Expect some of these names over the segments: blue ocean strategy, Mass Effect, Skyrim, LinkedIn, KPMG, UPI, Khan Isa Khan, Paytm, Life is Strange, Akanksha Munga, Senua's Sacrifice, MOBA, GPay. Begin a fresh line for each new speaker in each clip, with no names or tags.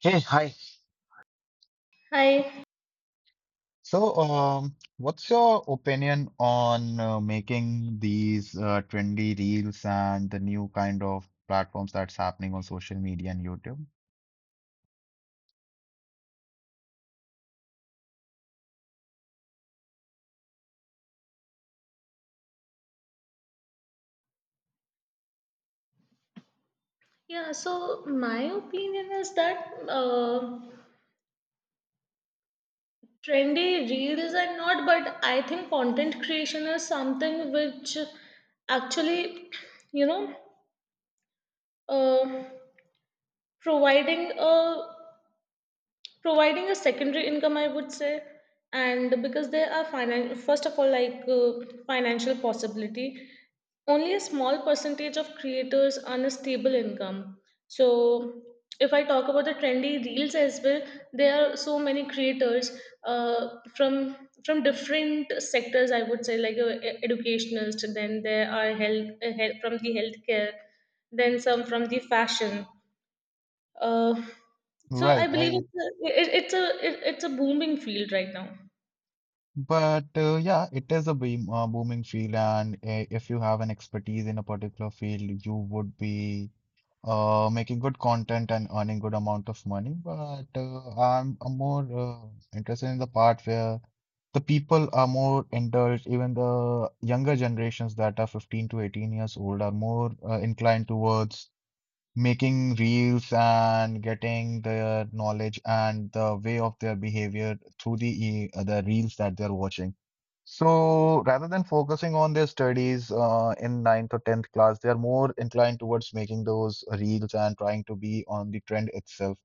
Hey, hi.
Hi.
So, what's your opinion on making these trendy reels and the new kind of platforms that's happening on social media and YouTube?
Yeah, so my opinion is that trendy reels and not, but I think content creation is something which actually, you know, uh, providing a providing a secondary income I would say. And because there are first of all like financial possibility, only a small percentage of creators earn a stable income. So if I talk about the trendy reels as well, there are so many creators, uh, from from different sectors I would say, like educationalist, then there are health from the healthcare, then some from the fashion. uh, so I
Right.
believe
I
it's a booming field right now.
But yeah, it is a booming field, and if you have an expertise in a particular field, you would be making good content and earning good amount of money. But I'm more interested in the part where the people are more indulged. Even the younger generations that are 15 to 18 years old are more inclined towards making reels and getting the knowledge and the way of their behavior through the the reels that they're watching. So rather than focusing on their studies in ninth or tenth class, they are more inclined towards making those reels and trying to be on the trend itself.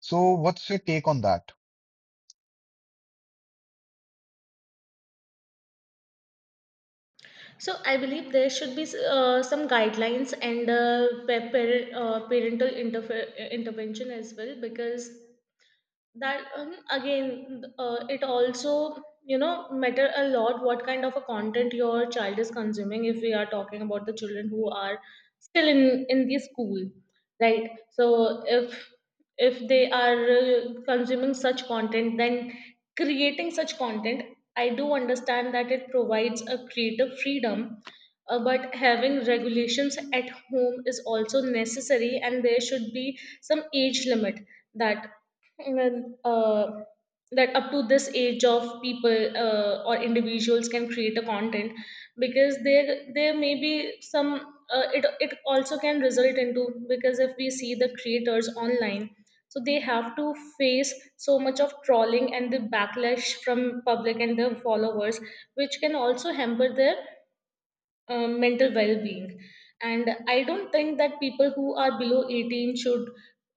So what's your take on that?
So I believe there should be some guidelines and parental intervention as well, because that, again, it also, you know, matter a lot what kind of a content your child is consuming if we are talking about the children who are still in the school. Right? So if they are consuming such content, then creating such content, I do understand that it provides a creative freedom, but having regulations at home is also necessary, and there should be some age limit that, and that up to this age of people or individuals can create a content. Because there may be some, it also can result into, because if we see the creators online, so they have to face so much of trolling and the backlash from public and their followers, which can also hamper their mental well-being. And I don't think that people who are below 18 should,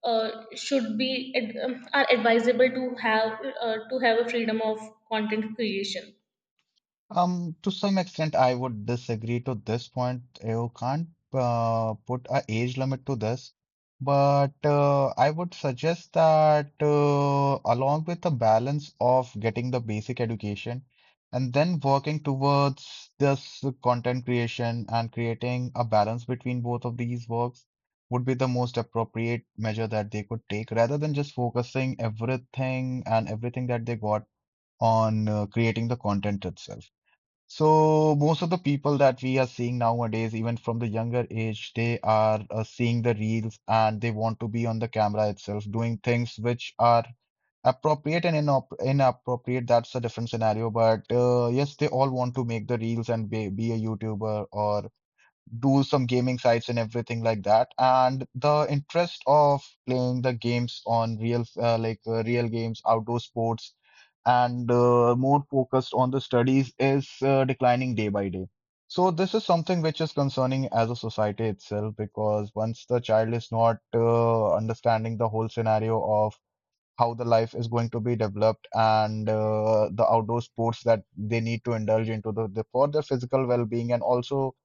uh, should be are advisable to have, to have a freedom of content creation.
To some extent, I would disagree to this point. You can't put a age limit to this, but I would suggest that along with the balance of getting the basic education and then working towards this content creation and creating a balance between both of these works would be the most appropriate measure that they could take rather than just focusing everything and everything that they got on creating the content itself. So most of the people that we are seeing nowadays, even from the younger age, they are seeing the reels and they want to be on the camera itself, doing things which are appropriate and inop inappropriate. That's a different scenario. But yes, they all want to make the reels and be a YouTuber or do some gaming sites and everything like that. And the interest of playing the games on real games, outdoor sports, and more focused on the studies is declining day by day. So this is something which is concerning as a society itself because once the child is not understanding the whole scenario of how the life is going to be developed and the outdoor sports that they need to indulge into the for their physical well-being, and also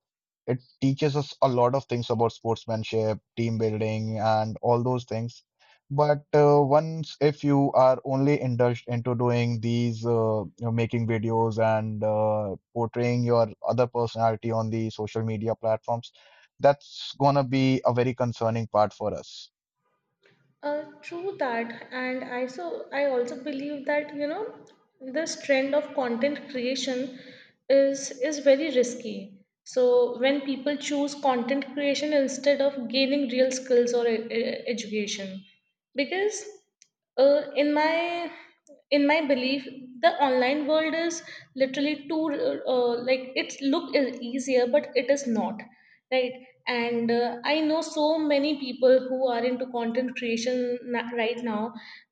it teaches us a lot of things about sportsmanship, team building, and all those things. But once if you are only indulged into doing these, making videos and portraying your other personality on the social media platforms, that's gonna be a very concerning part for us.
True that. And I, so I also believe that, you know, this trend of content creation is very risky. So when people choose content creation instead of gaining real skills or education, because, in my, in my belief, the online world is literally too, like its look is easier but it is not. Right? And I know so many people who are into content creation right now,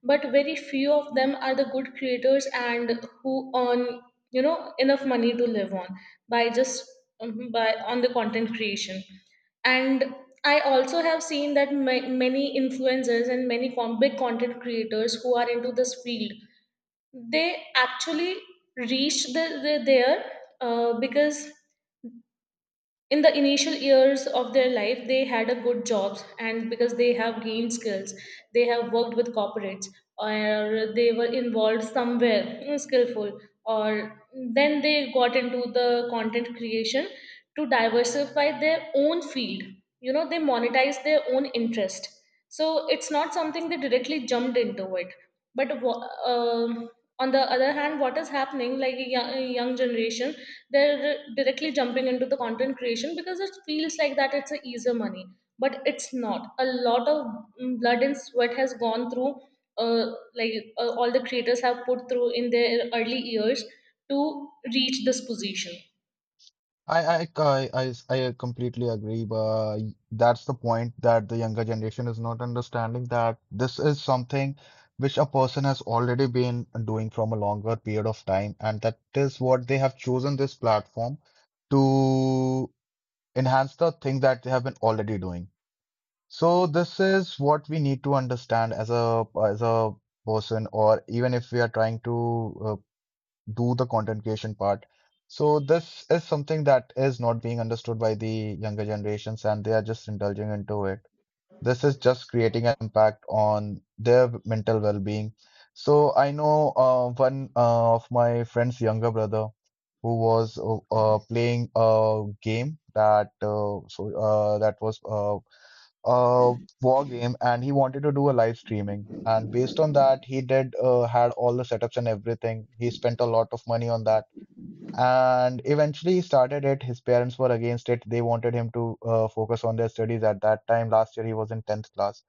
but very few of them are the good creators and who earn, you know, enough money to live on by just, by on the content creation. And I also have seen that many influencers and many big content creators who are into this field, they actually reach there, because in the initial years of their life they had a good jobs, and because they have gained skills, they have worked with corporates, or they were involved somewhere skillful, or then they got into the content creation to diversify their own field. You know, they monetize their own interest. So it's not something they directly jumped into it. But on the other hand, what is happening, like a young generation, they're directly jumping into the content creation because it feels like that it's a easier money. But it's not, a lot of, blood and sweat has gone through, uh, like all the creators have put through in their early years to reach this position.
I I I I I completely agree, but that's the point that the younger generation is not understanding that this is something which a person has already been doing from a longer period of time, and that is what they have chosen this platform to enhance the thing that they have been already doing. So this is what we need to understand as a person, or even if we are trying to do the content creation part. So this is something that is not being understood by the younger generations and they are just indulging into it. This is just creating an impact on their mental well-being. So I know one of my friend's younger brother who was playing a game that so that was uh war game, and he wanted to do a live streaming, and based on that he did had all the setups and everything. He spent a lot of money on that, and eventually he started it. His parents were against it. They wanted him to focus on their studies. At that time, last year, he was in 10th class,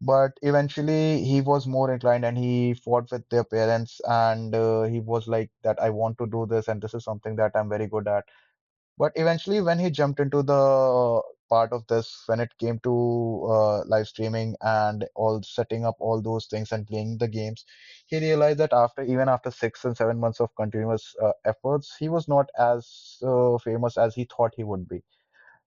but eventually he was more inclined and he fought with their parents, and he was like that I want to do this and this is something that I'm very good at. But eventually, when he jumped into the part of this, when it came to live streaming and all setting up all those things and playing the games, he realized that after even after 6 and 7 months of continuous efforts, he was not as famous as he thought he would be.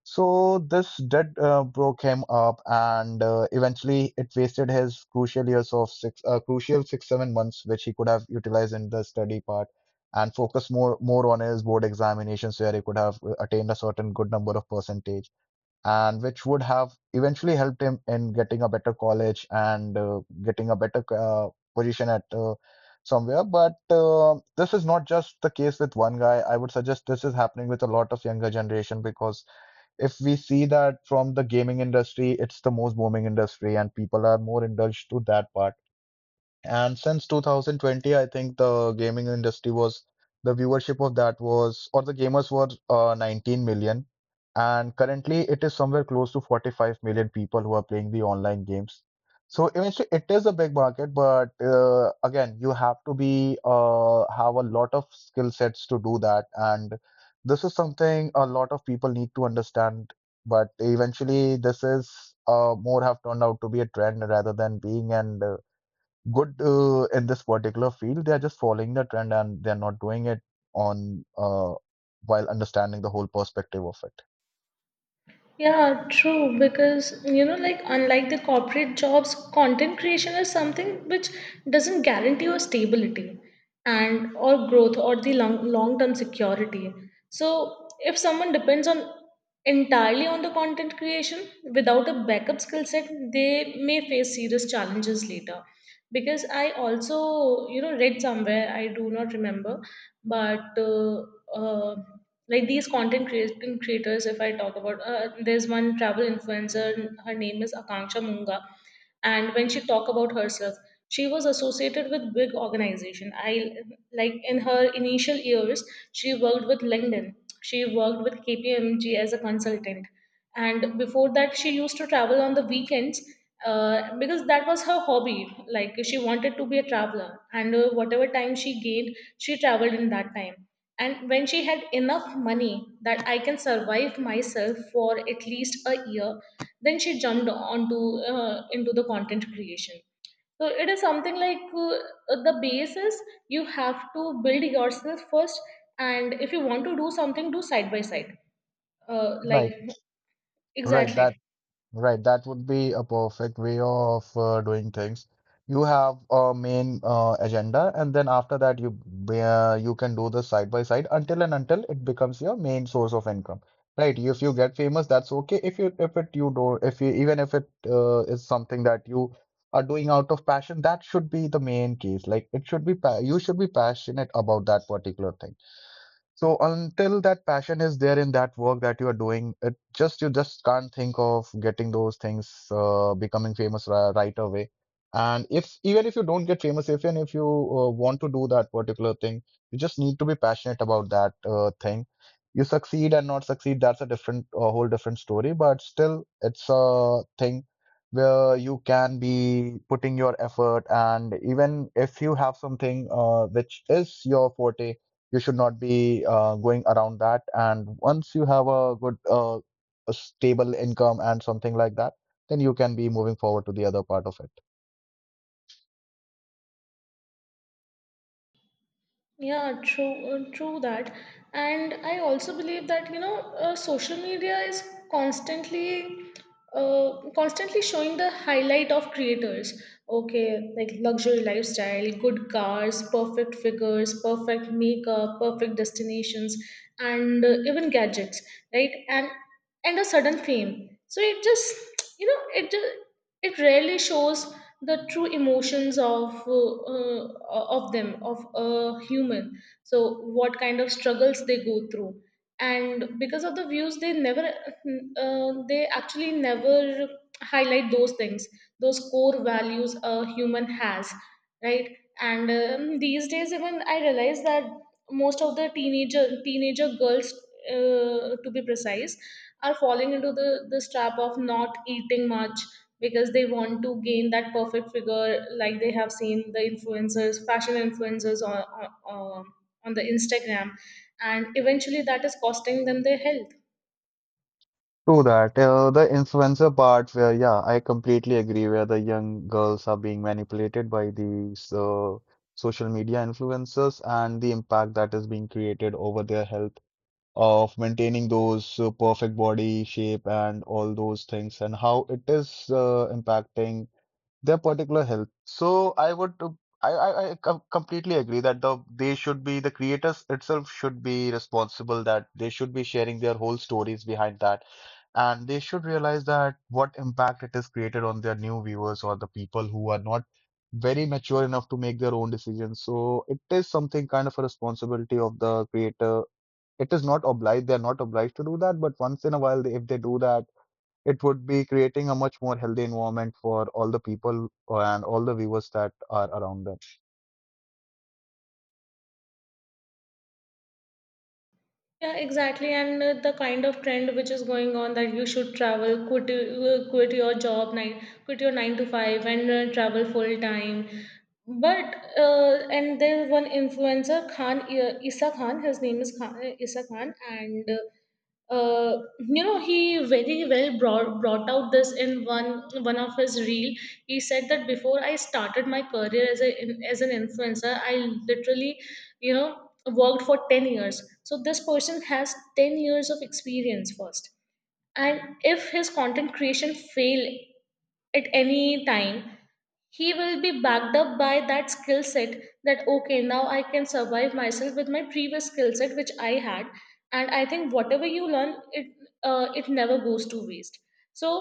So this did broke him up, and eventually it wasted his crucial years of 6 7 months, which he could have utilized in the study part and focus more on his board examinations, where he could have attained a certain good number of percentage, and which would have eventually helped him in getting a better college and getting a better position at somewhere. But this is not just the case with one guy. I would suggest this is happening with a lot of younger generation because if we see that from the gaming industry, it's the most booming industry, and people are more indulged to that part. And since 2020, I think the viewership of that was, or the gamers were, 19 million, and currently it is somewhere close to 45 million people who are playing the online games. So eventually, it is a big market, but again, you have to be have a lot of skill sets to do that, and this is something a lot of people need to understand. But eventually, this is more have turned out to be a trend rather than being and good in this particular field. They are just following the trend and they are not doing it on while understanding the whole perspective of it.
Yeah, true. Because, you know, like unlike the corporate jobs, content creation is something which doesn't guarantee your stability and, or growth, or the long-term security. So if someone depends on entirely on the content creation without a backup skill set, they may face serious challenges later. Because I also, you know, read somewhere, I do not remember, but, uh, like these content creating creators, if I talk about, there's one travel influencer. Her name is Akanksha Munga. And when she talked about herself, she was associated with big organization. I, like in her initial years, she worked with LinkedIn, she worked with KPMG as a consultant. And before that, she used to travel on the weekends, because that was her hobby. Like she wanted to be a traveler, and whatever time she gained, she traveled in that time. And when she had enough money that I can survive myself for at least a year, then she jumped onto, into the content creation. So it is something like, the basis, you have to build yourself first. And if you want to do something, do side by side, like,
Right, right.
exactly.
That Right, that would be a perfect way of doing things. You have a main agenda, and then after that, you can do this side by side until and until it becomes your main source of income. Right? If you get famous, that's okay. If you if it you do if you even if it is something that you are doing out of passion, that should be the main case. Like, it should be pa you should be passionate about that particular thing. So until that passion is there in that work that you are doing, it just you just can't think of getting those things becoming famous right away. And if even if you don't get famous, if and if you want to do that particular thing, you just need to be passionate about that thing. You succeed and not succeed, that's a whole different story. But still, it's a thing where you can be putting your effort, and even if you have something which is your forte, you should not be going around that, and once you have a good a stable income and something like that, then you can be moving forward to the other part of it.
Yeah, true, true that. And I also believe that, you know, social media is constantly, constantly showing the highlight of creators. Okay, like luxury lifestyle, good cars, perfect figures, perfect makeup, perfect destinations, and even gadgets, right? And a sudden fame. So it just, you know, it just, it rarely shows the true emotions of, of them, of a human. So what kind of struggles they go through, and because of the views they never, they actually never highlight those things, those core values a human has. Right? And these days even I realize that most of the teenager girls, to be precise, are falling into the this trap of not eating much because they want to gain that perfect figure, like they have seen the influencers, fashion influencers on, on, um, on the Instagram. And eventually that is costing them their health.
True that. The influencer part, where yeah, I completely agree. Where the young girls are being manipulated by these social media influencers and the impact that is being created over their health of maintaining those perfect body shape and all those things, and how it is impacting their particular health. So I would, I completely agree that they should be, the creators itself should be responsible, that they should be sharing their whole stories behind that, and they should realize that what impact it has created on their new viewers or the people who are not very mature enough to make their own decisions. So it is something kind of a responsibility of the creator. It is not obliged; they are not obliged to do that, but once in a while, if they do that, it would be creating a much more healthy environment for all the people and all the viewers that are around them.
Yeah, exactly. And the kind of trend which is going on, that you should travel, quit your job, nine quit your 9 to 5 and travel full time. But, and there's one influencer Khan, Isa Khan. His name is Khan, Isa Khan. And, you know, he very well brought out this in one of his reel. He said that before I started my career as a, as an influencer, I literally, you know, worked for 10 years. So this person has 10 years of experience first. And if his content creation fail at any time, he will be backed up by that skill set, that okay, now I can survive myself with my previous skill set which I had. And I think whatever you learn it, it never goes to waste. So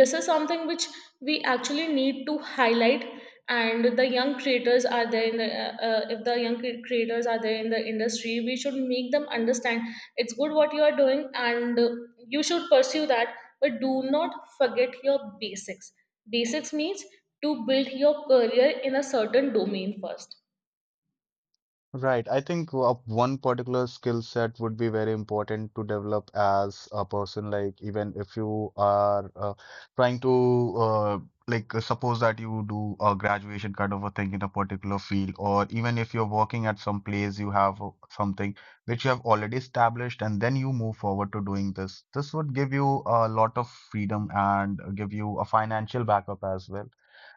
this is something which we actually need to highlight. And the young creators are there in the, if the young creators are there in the industry, we should make them understand, it's good what you are doing, and you should pursue that, but do not forget your basics. Basics means to build your career in a certain domain first.
Right. I think one particular skill set would be very important to develop as a person. Like, even if you are trying to, uh, suppose that you do a graduation kind of a thing in a particular field, or even if you're working at some place, you have something which you have already established, and then you move forward to doing this. This would give you a lot of freedom and give you a financial backup as well.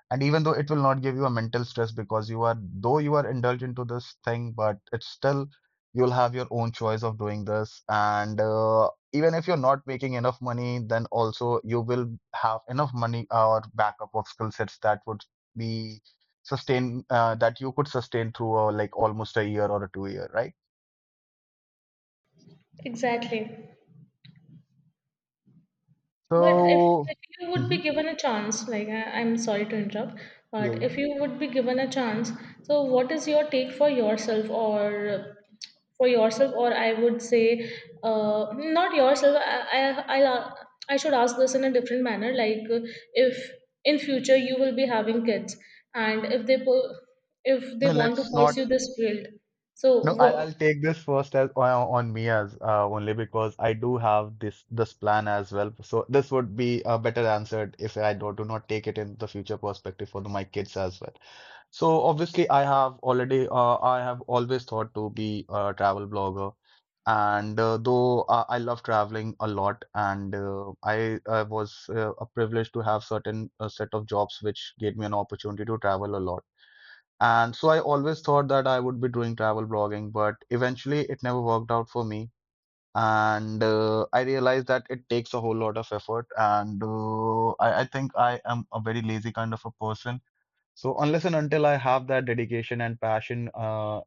And even though it will not give you a mental stress because you are, though you are indulged into this thing, but it's still you'll have your own choice of doing this. And even if you're not making enough money, then also you will have enough money or backup of skill sets that would be sustain that you could sustain through like almost a year or a two year, right?
Exactly. But
So
if you would be
mhm,
given a chance, like I, I'm sorry to interrupt,
yeah,
but
yeah.
if you would be given a chance, so what is your take for yourself, or for yourself, or I would say, not yourself. I should ask this in a different manner. Like, if in future you will be having kids, and if they if they
So
want to
let's not.
pursue this field, so
No,
what?
I'll take this first as on me as only because I do have this plan as well. So this would be better answered if I do not take it in the future perspective for my kids as well. So obviously, I have already I have always thought to be a travel blogger. And though I love traveling a lot. And I was privileged to have certain set of jobs which gave me an opportunity to travel a lot. And so I always thought that I would be doing travel blogging, but eventually it never worked out for me. And I realized that it takes a whole lot of effort. And I think I am a very lazy kind of a person. So unless and until I have that dedication and passion,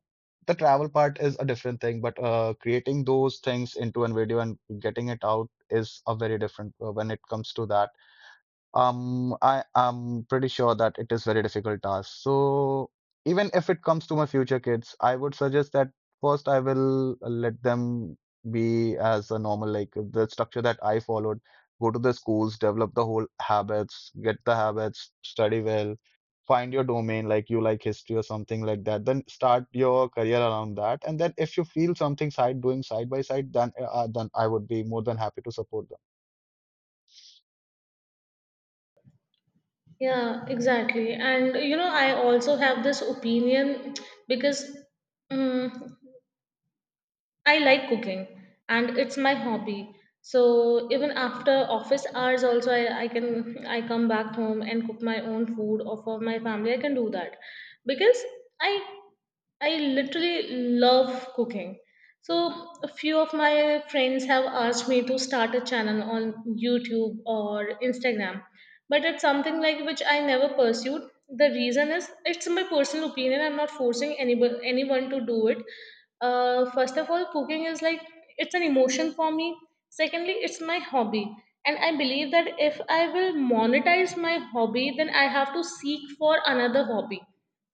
the travel part is a different thing. But creating those things into a video and getting it out is a very different when it comes to that. I am pretty sure that it is very difficult task. So even if it comes to my future kids, I would suggest that first I will let them be as a normal, like the structure that I followed. Go to the schools, develop the whole habits, get the habits, study well, find your domain, like you like history or something like that. Then start your career around that. And then if you feel something side doing side by side, then I would be more than happy to support them.
Yeah, exactly. And you know, I also have this opinion because, um, I like cooking and it's my hobby. So even after office hours also, I can, I come back home and cook my own food or for my family. I can do that. Because I I literally love cooking. So, a few of my friends have asked me to start a channel on YouTube or Instagram, but it's something like which I never pursued. The reason is it's my personal opinion. I'm not forcing anybody anyone to do it. First of all, cooking is like, it's an emotion for me. Secondly, it's my hobby. And I believe that if I will monetize my hobby, then I have to seek for another hobby.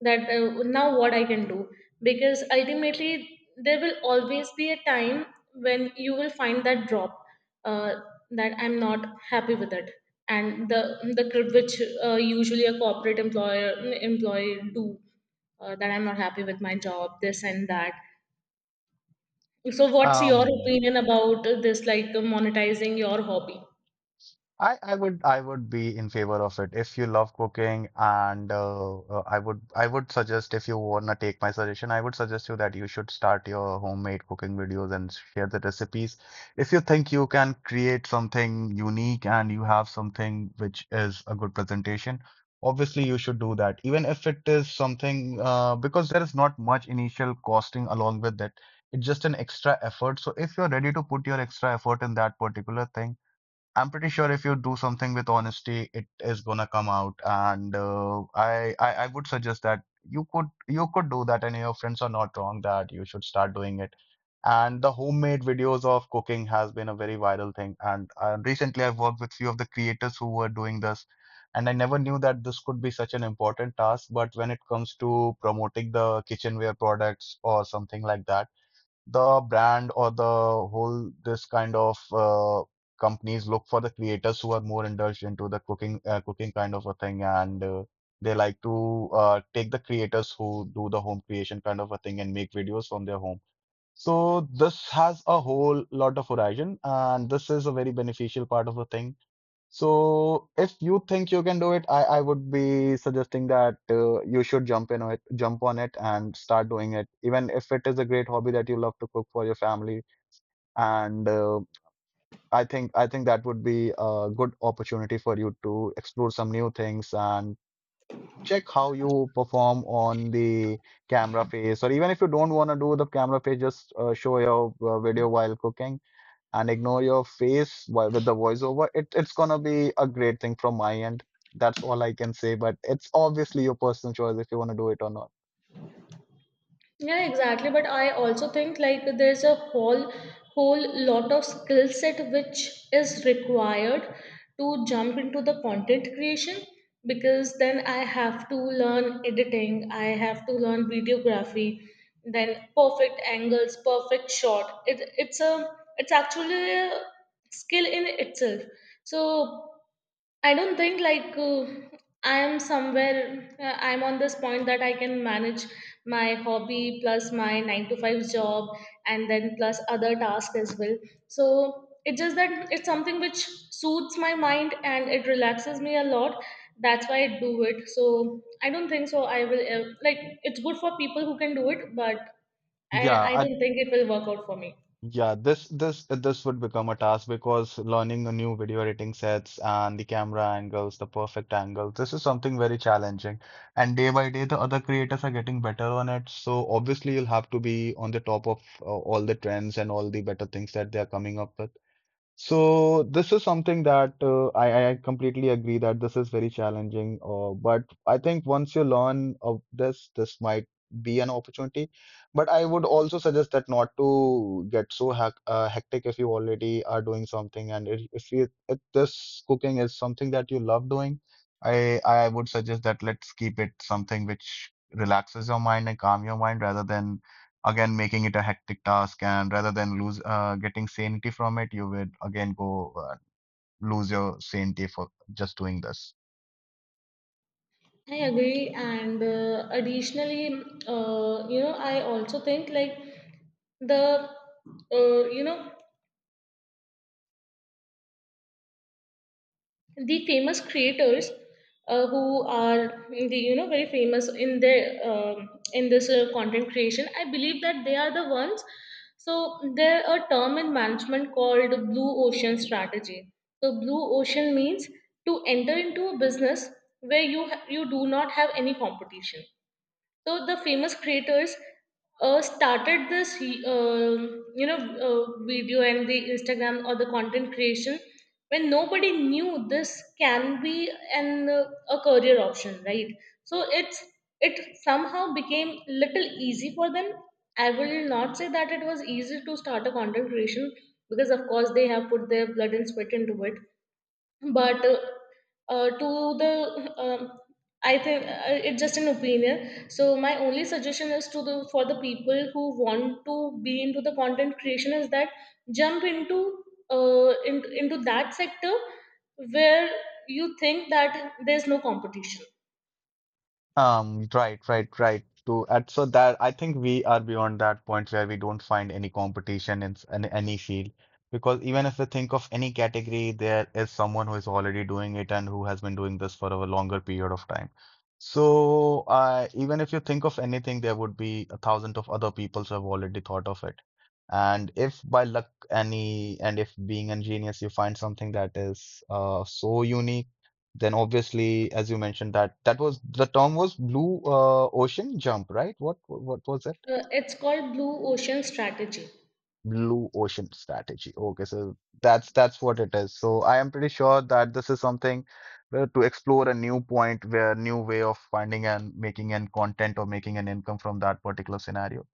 That, now what I can do. Because ultimately, there will always be a time when you will find that drop, uh, that I'm not happy with it. And the grid which, usually a corporate employer employee do, that I'm not happy with my job, this and that. So, what's your
Um,
opinion about this, like monetizing your hobby?
I would be in favor of it if you love cooking. And I would suggest, if you wanna take my suggestion, I would suggest you that you should start your homemade cooking videos and share the recipes if you think you can create something unique and you have something which is a good presentation. Obviously you should do that, even if it is something because there is not much initial costing along with it. It's just an extra effort. So if you're ready to put your extra effort in that particular thing, I'm pretty sure if you do something with honesty, it is gonna come out. And I would suggest that you could do that, and your friends are not wrong that you should start doing it. And the homemade videos of cooking has been a very viral thing. And recently, I've worked with few of the creators who were doing this, and I never knew that this could be such an important task. But when it comes to promoting the kitchenware products or something like that, the brand or the whole this kind of companies look for the creators who are more indulged into the cooking kind of a thing. And they like to take the creators who do the home creation kind of a thing and make videos from their home. So this has a whole lot of horizon and this is a very beneficial part of the thing. So if you think you can do it, I would be suggesting that you should jump in it, jump on it and start doing it. Even if it is a great hobby that you love to cook for your family, and I think that would be a good opportunity for you to explore some new things and check how you perform on the camera face. Or even if you don't want to do the camera face, just show your video while cooking and ignore your face with the voiceover. It, it's gonna be a great thing from my end. That's all I can say, but it's obviously your personal choice if you want to do it or not.
Yeah, exactly. But I also think like there's a whole lot of skill set which is required to jump into the content creation, because then I have to learn editing, I have to learn videography, then perfect angles, perfect shot. It's a, it's actually a skill in itself. So I don't think like, I am somewhere. I'm on this point that I can manage my hobby plus my 9-to-5 job, and then plus other tasks as well. So it's just that it's something which suits my mind and it relaxes me a lot. That's why I do it. So I don't think so. I will, like, it's good for people who can do it, but
Yeah,
I
I,
don't think it will work out for me.
yeah, this would become a task because learning a new video editing sets and the camera angles, the perfect angle, this is something very challenging. And day by day, the other creators are getting better on it. So obviously, you'll have to be on the top of all the trends and all the better things that they are coming up with. So this is something that I completely agree that this is very challenging. But I think once you learn of this, this might be an opportunity. But I would also suggest that not to get so hectic if you already are doing something. And if you, if this cooking is something that you love doing, I would suggest that let's keep it something which relaxes your mind and calm your mind, rather than again making it a hectic task, and rather than lose getting sanity from it, you would again go lose your sanity for just doing this.
I agree, and additionally, I also think like the you know the famous creators, who are the very famous in their in this content creation. I believe that they are the ones. So there a term in management called blue ocean strategy. So blue ocean means to enter into a business where you do not have any competition. So the famous creators started this, um you know, uh, video and the Instagram or the content creation, when nobody knew this can be an a career option, right? So it somehow became little easy for them. I will not say that it was easy to start a content creation because of course they have put their blood and sweat into it, but to the I think, it's just an opinion. So my only suggestion is to the for the people who want to be into the content creation is that jump into into that sector where you think that there's no competition.
Right, right, right. To and so that I think we are beyond that point where we don't find any competition in, in any field, because even if we think of any category, there is someone who is already doing it and who has been doing this for a longer period of time. So, even if you think of anything, there would be a thousand of other people who have already thought of it. And if by luck any, and if being ingenious, you find something that is so unique, then obviously, as you mentioned that, that was the term was blue ocean jump, right? What was it?
It's called blue ocean strategy.
Blue ocean strategy. Okay, so that's what it is. So I am pretty sure that this is something to explore a new point where new way of finding and making an content or making an income from that particular scenario.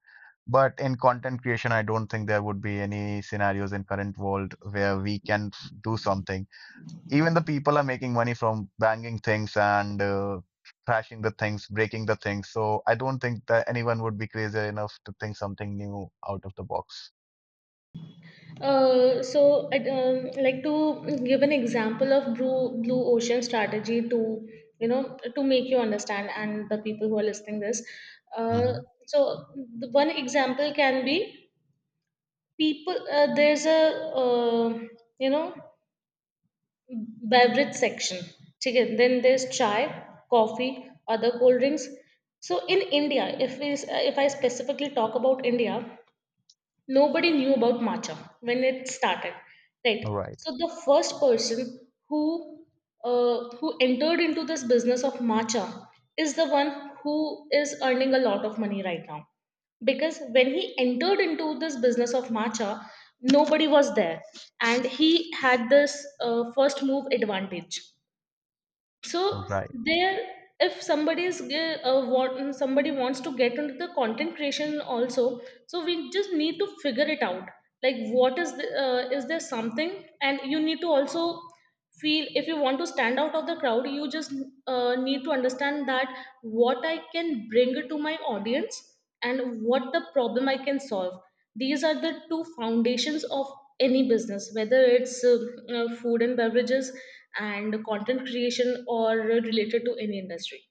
But in content creation, I don't think there would be any scenarios in current world where we can do something. Even the people are making money from banging things and trashing the things, breaking the things. So I don't think that anyone would be crazy enough to think something new out of the box.
I'd like to give an example of blue ocean strategy to to make you understand, and the people who are listening this. Uh,
Mm-hmm.
so, the one example can be people. There's a uh, you know beverage section. Okay, then there's chai, coffee, other cold drinks. So in India, if I specifically talk about India, nobody knew about matcha when it started, right?
Right.
So the first person who who entered into this business of matcha is the one who is earning a lot of money right now, because when he entered into this business of matcha, nobody was there, and he had this first move advantage. So
Right.
there, if somebody wants to get into the content creation also, so we just need to figure it out, like what is the, is there something. And you need to also feel, if you want to stand out of the crowd, you just need to understand that what I can bring to my audience and what the problem I can solve. These are the two foundations of any business, whether it's food and beverages and content creation or related to any industry.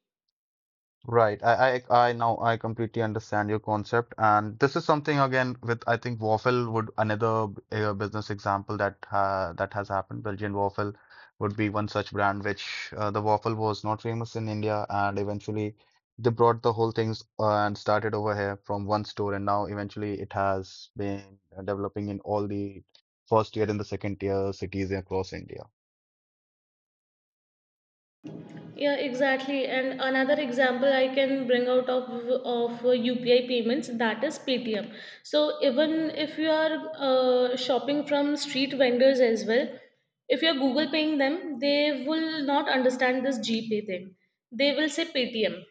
Right. I now I completely understand your concept, and this is something again with I think waffle would another business example that that has happened. Belgian waffle would be one such brand which the waffle was not famous in India, and eventually they brought the whole things and started over here from one store, and now eventually it has been developing in all the first tier and the second tier cities across India.
Yeah, exactly. And another example I can bring out of UPI payments, that is Paytm. So even if you are shopping from street vendors as well, if you're Google paying them, they will not understand this GPay thing. They will say Paytm.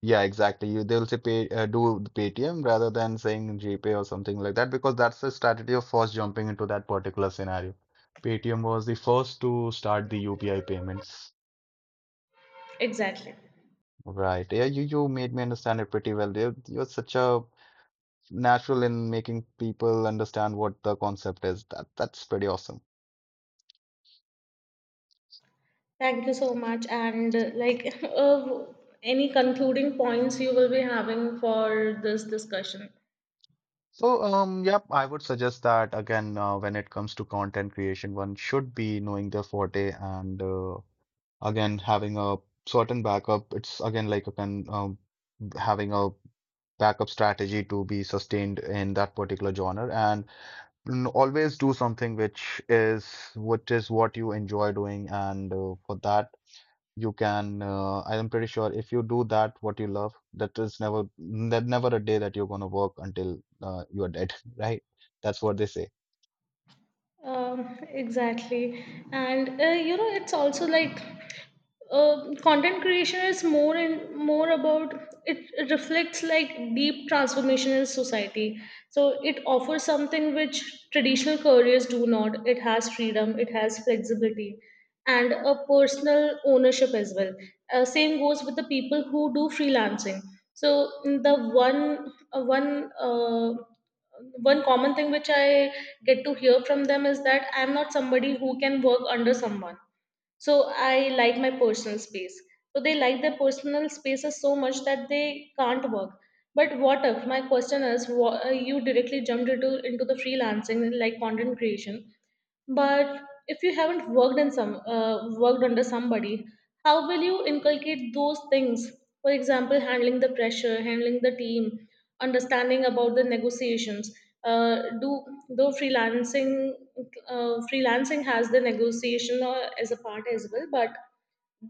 Yeah, exactly. You they'll say pay do the Paytm rather than saying GPay or something like that, because that's the strategy of first jumping into that particular scenario. Paytm was the first to start the UPI payments.
Exactly.
Right. Yeah, you made me understand it pretty well. You're such a natural in making people understand what the concept is. That that's pretty awesome.
Thank you so much. And like, any concluding points you will be having for this discussion?
So yep. I would suggest that again when it comes to content creation, one should be knowing their forte. And again, having a certain backup, it's again like you can having a backup strategy to be sustained in that particular genre. And mm, always do something which is what you enjoy doing. And for that you can I am pretty sure if you do that what you love, that is never never a day that you're gonna work until you are dead right? That's what they say.
Exactly. And it's also like content creation is more and more about it reflects like deep transformation in society. So it offers something which traditional careers do not. It has freedom, it has flexibility, and a personal ownership as well. Same goes with the people who do freelancing. So the one common thing which I get to hear from them is that I'm not somebody who can work under someone, so I like my personal space. So they like their personal spaces so much that they can't work. But what if my question is, you directly jumped into the freelancing like content creation? But if you haven't worked in some worked under somebody, how will you inculcate those things? For example, handling the pressure, handling the team, understanding about the negotiations. Do though freelancing Freelancing has the negotiation as a part as well, but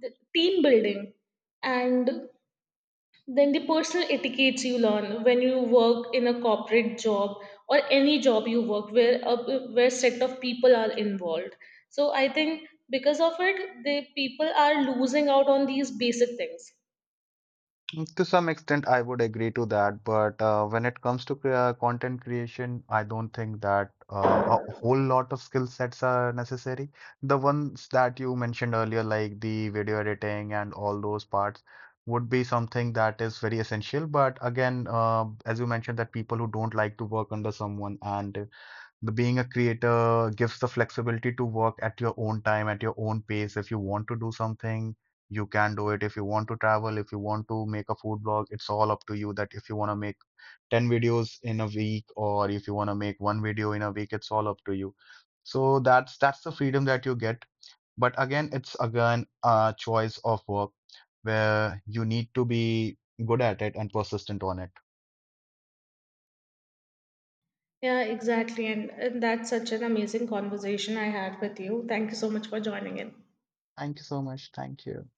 the team building and then the personal etiquettes you learn when you work in a corporate job or any job you work where a where set of people are involved. So I think because of it, the people are losing out on these basic things.
Mm. To some extent, I would agree to that, but when it comes to content creation, I don't think that a whole lot of skill sets are necessary. The ones that you mentioned earlier, like the video editing and all those parts, would be something that is very essential. But again, as you mentioned, that people who don't like to work under someone, and the being a creator gives the flexibility to work at your own time, at your own pace. If you want to do something, you can do it. If you want to travel, if you want to make a food blog, it's all up to you that if you want to make 10 videos in a week or if you want to make one video in a week, it's all up to you. So that's the freedom that you get. But again, it's again a choice of work where you need to be good at it and persistent on it.
Yeah, exactly. And that's such an amazing conversation I had with you. Thank you so much for joining in.
Thank you so much. Thank you.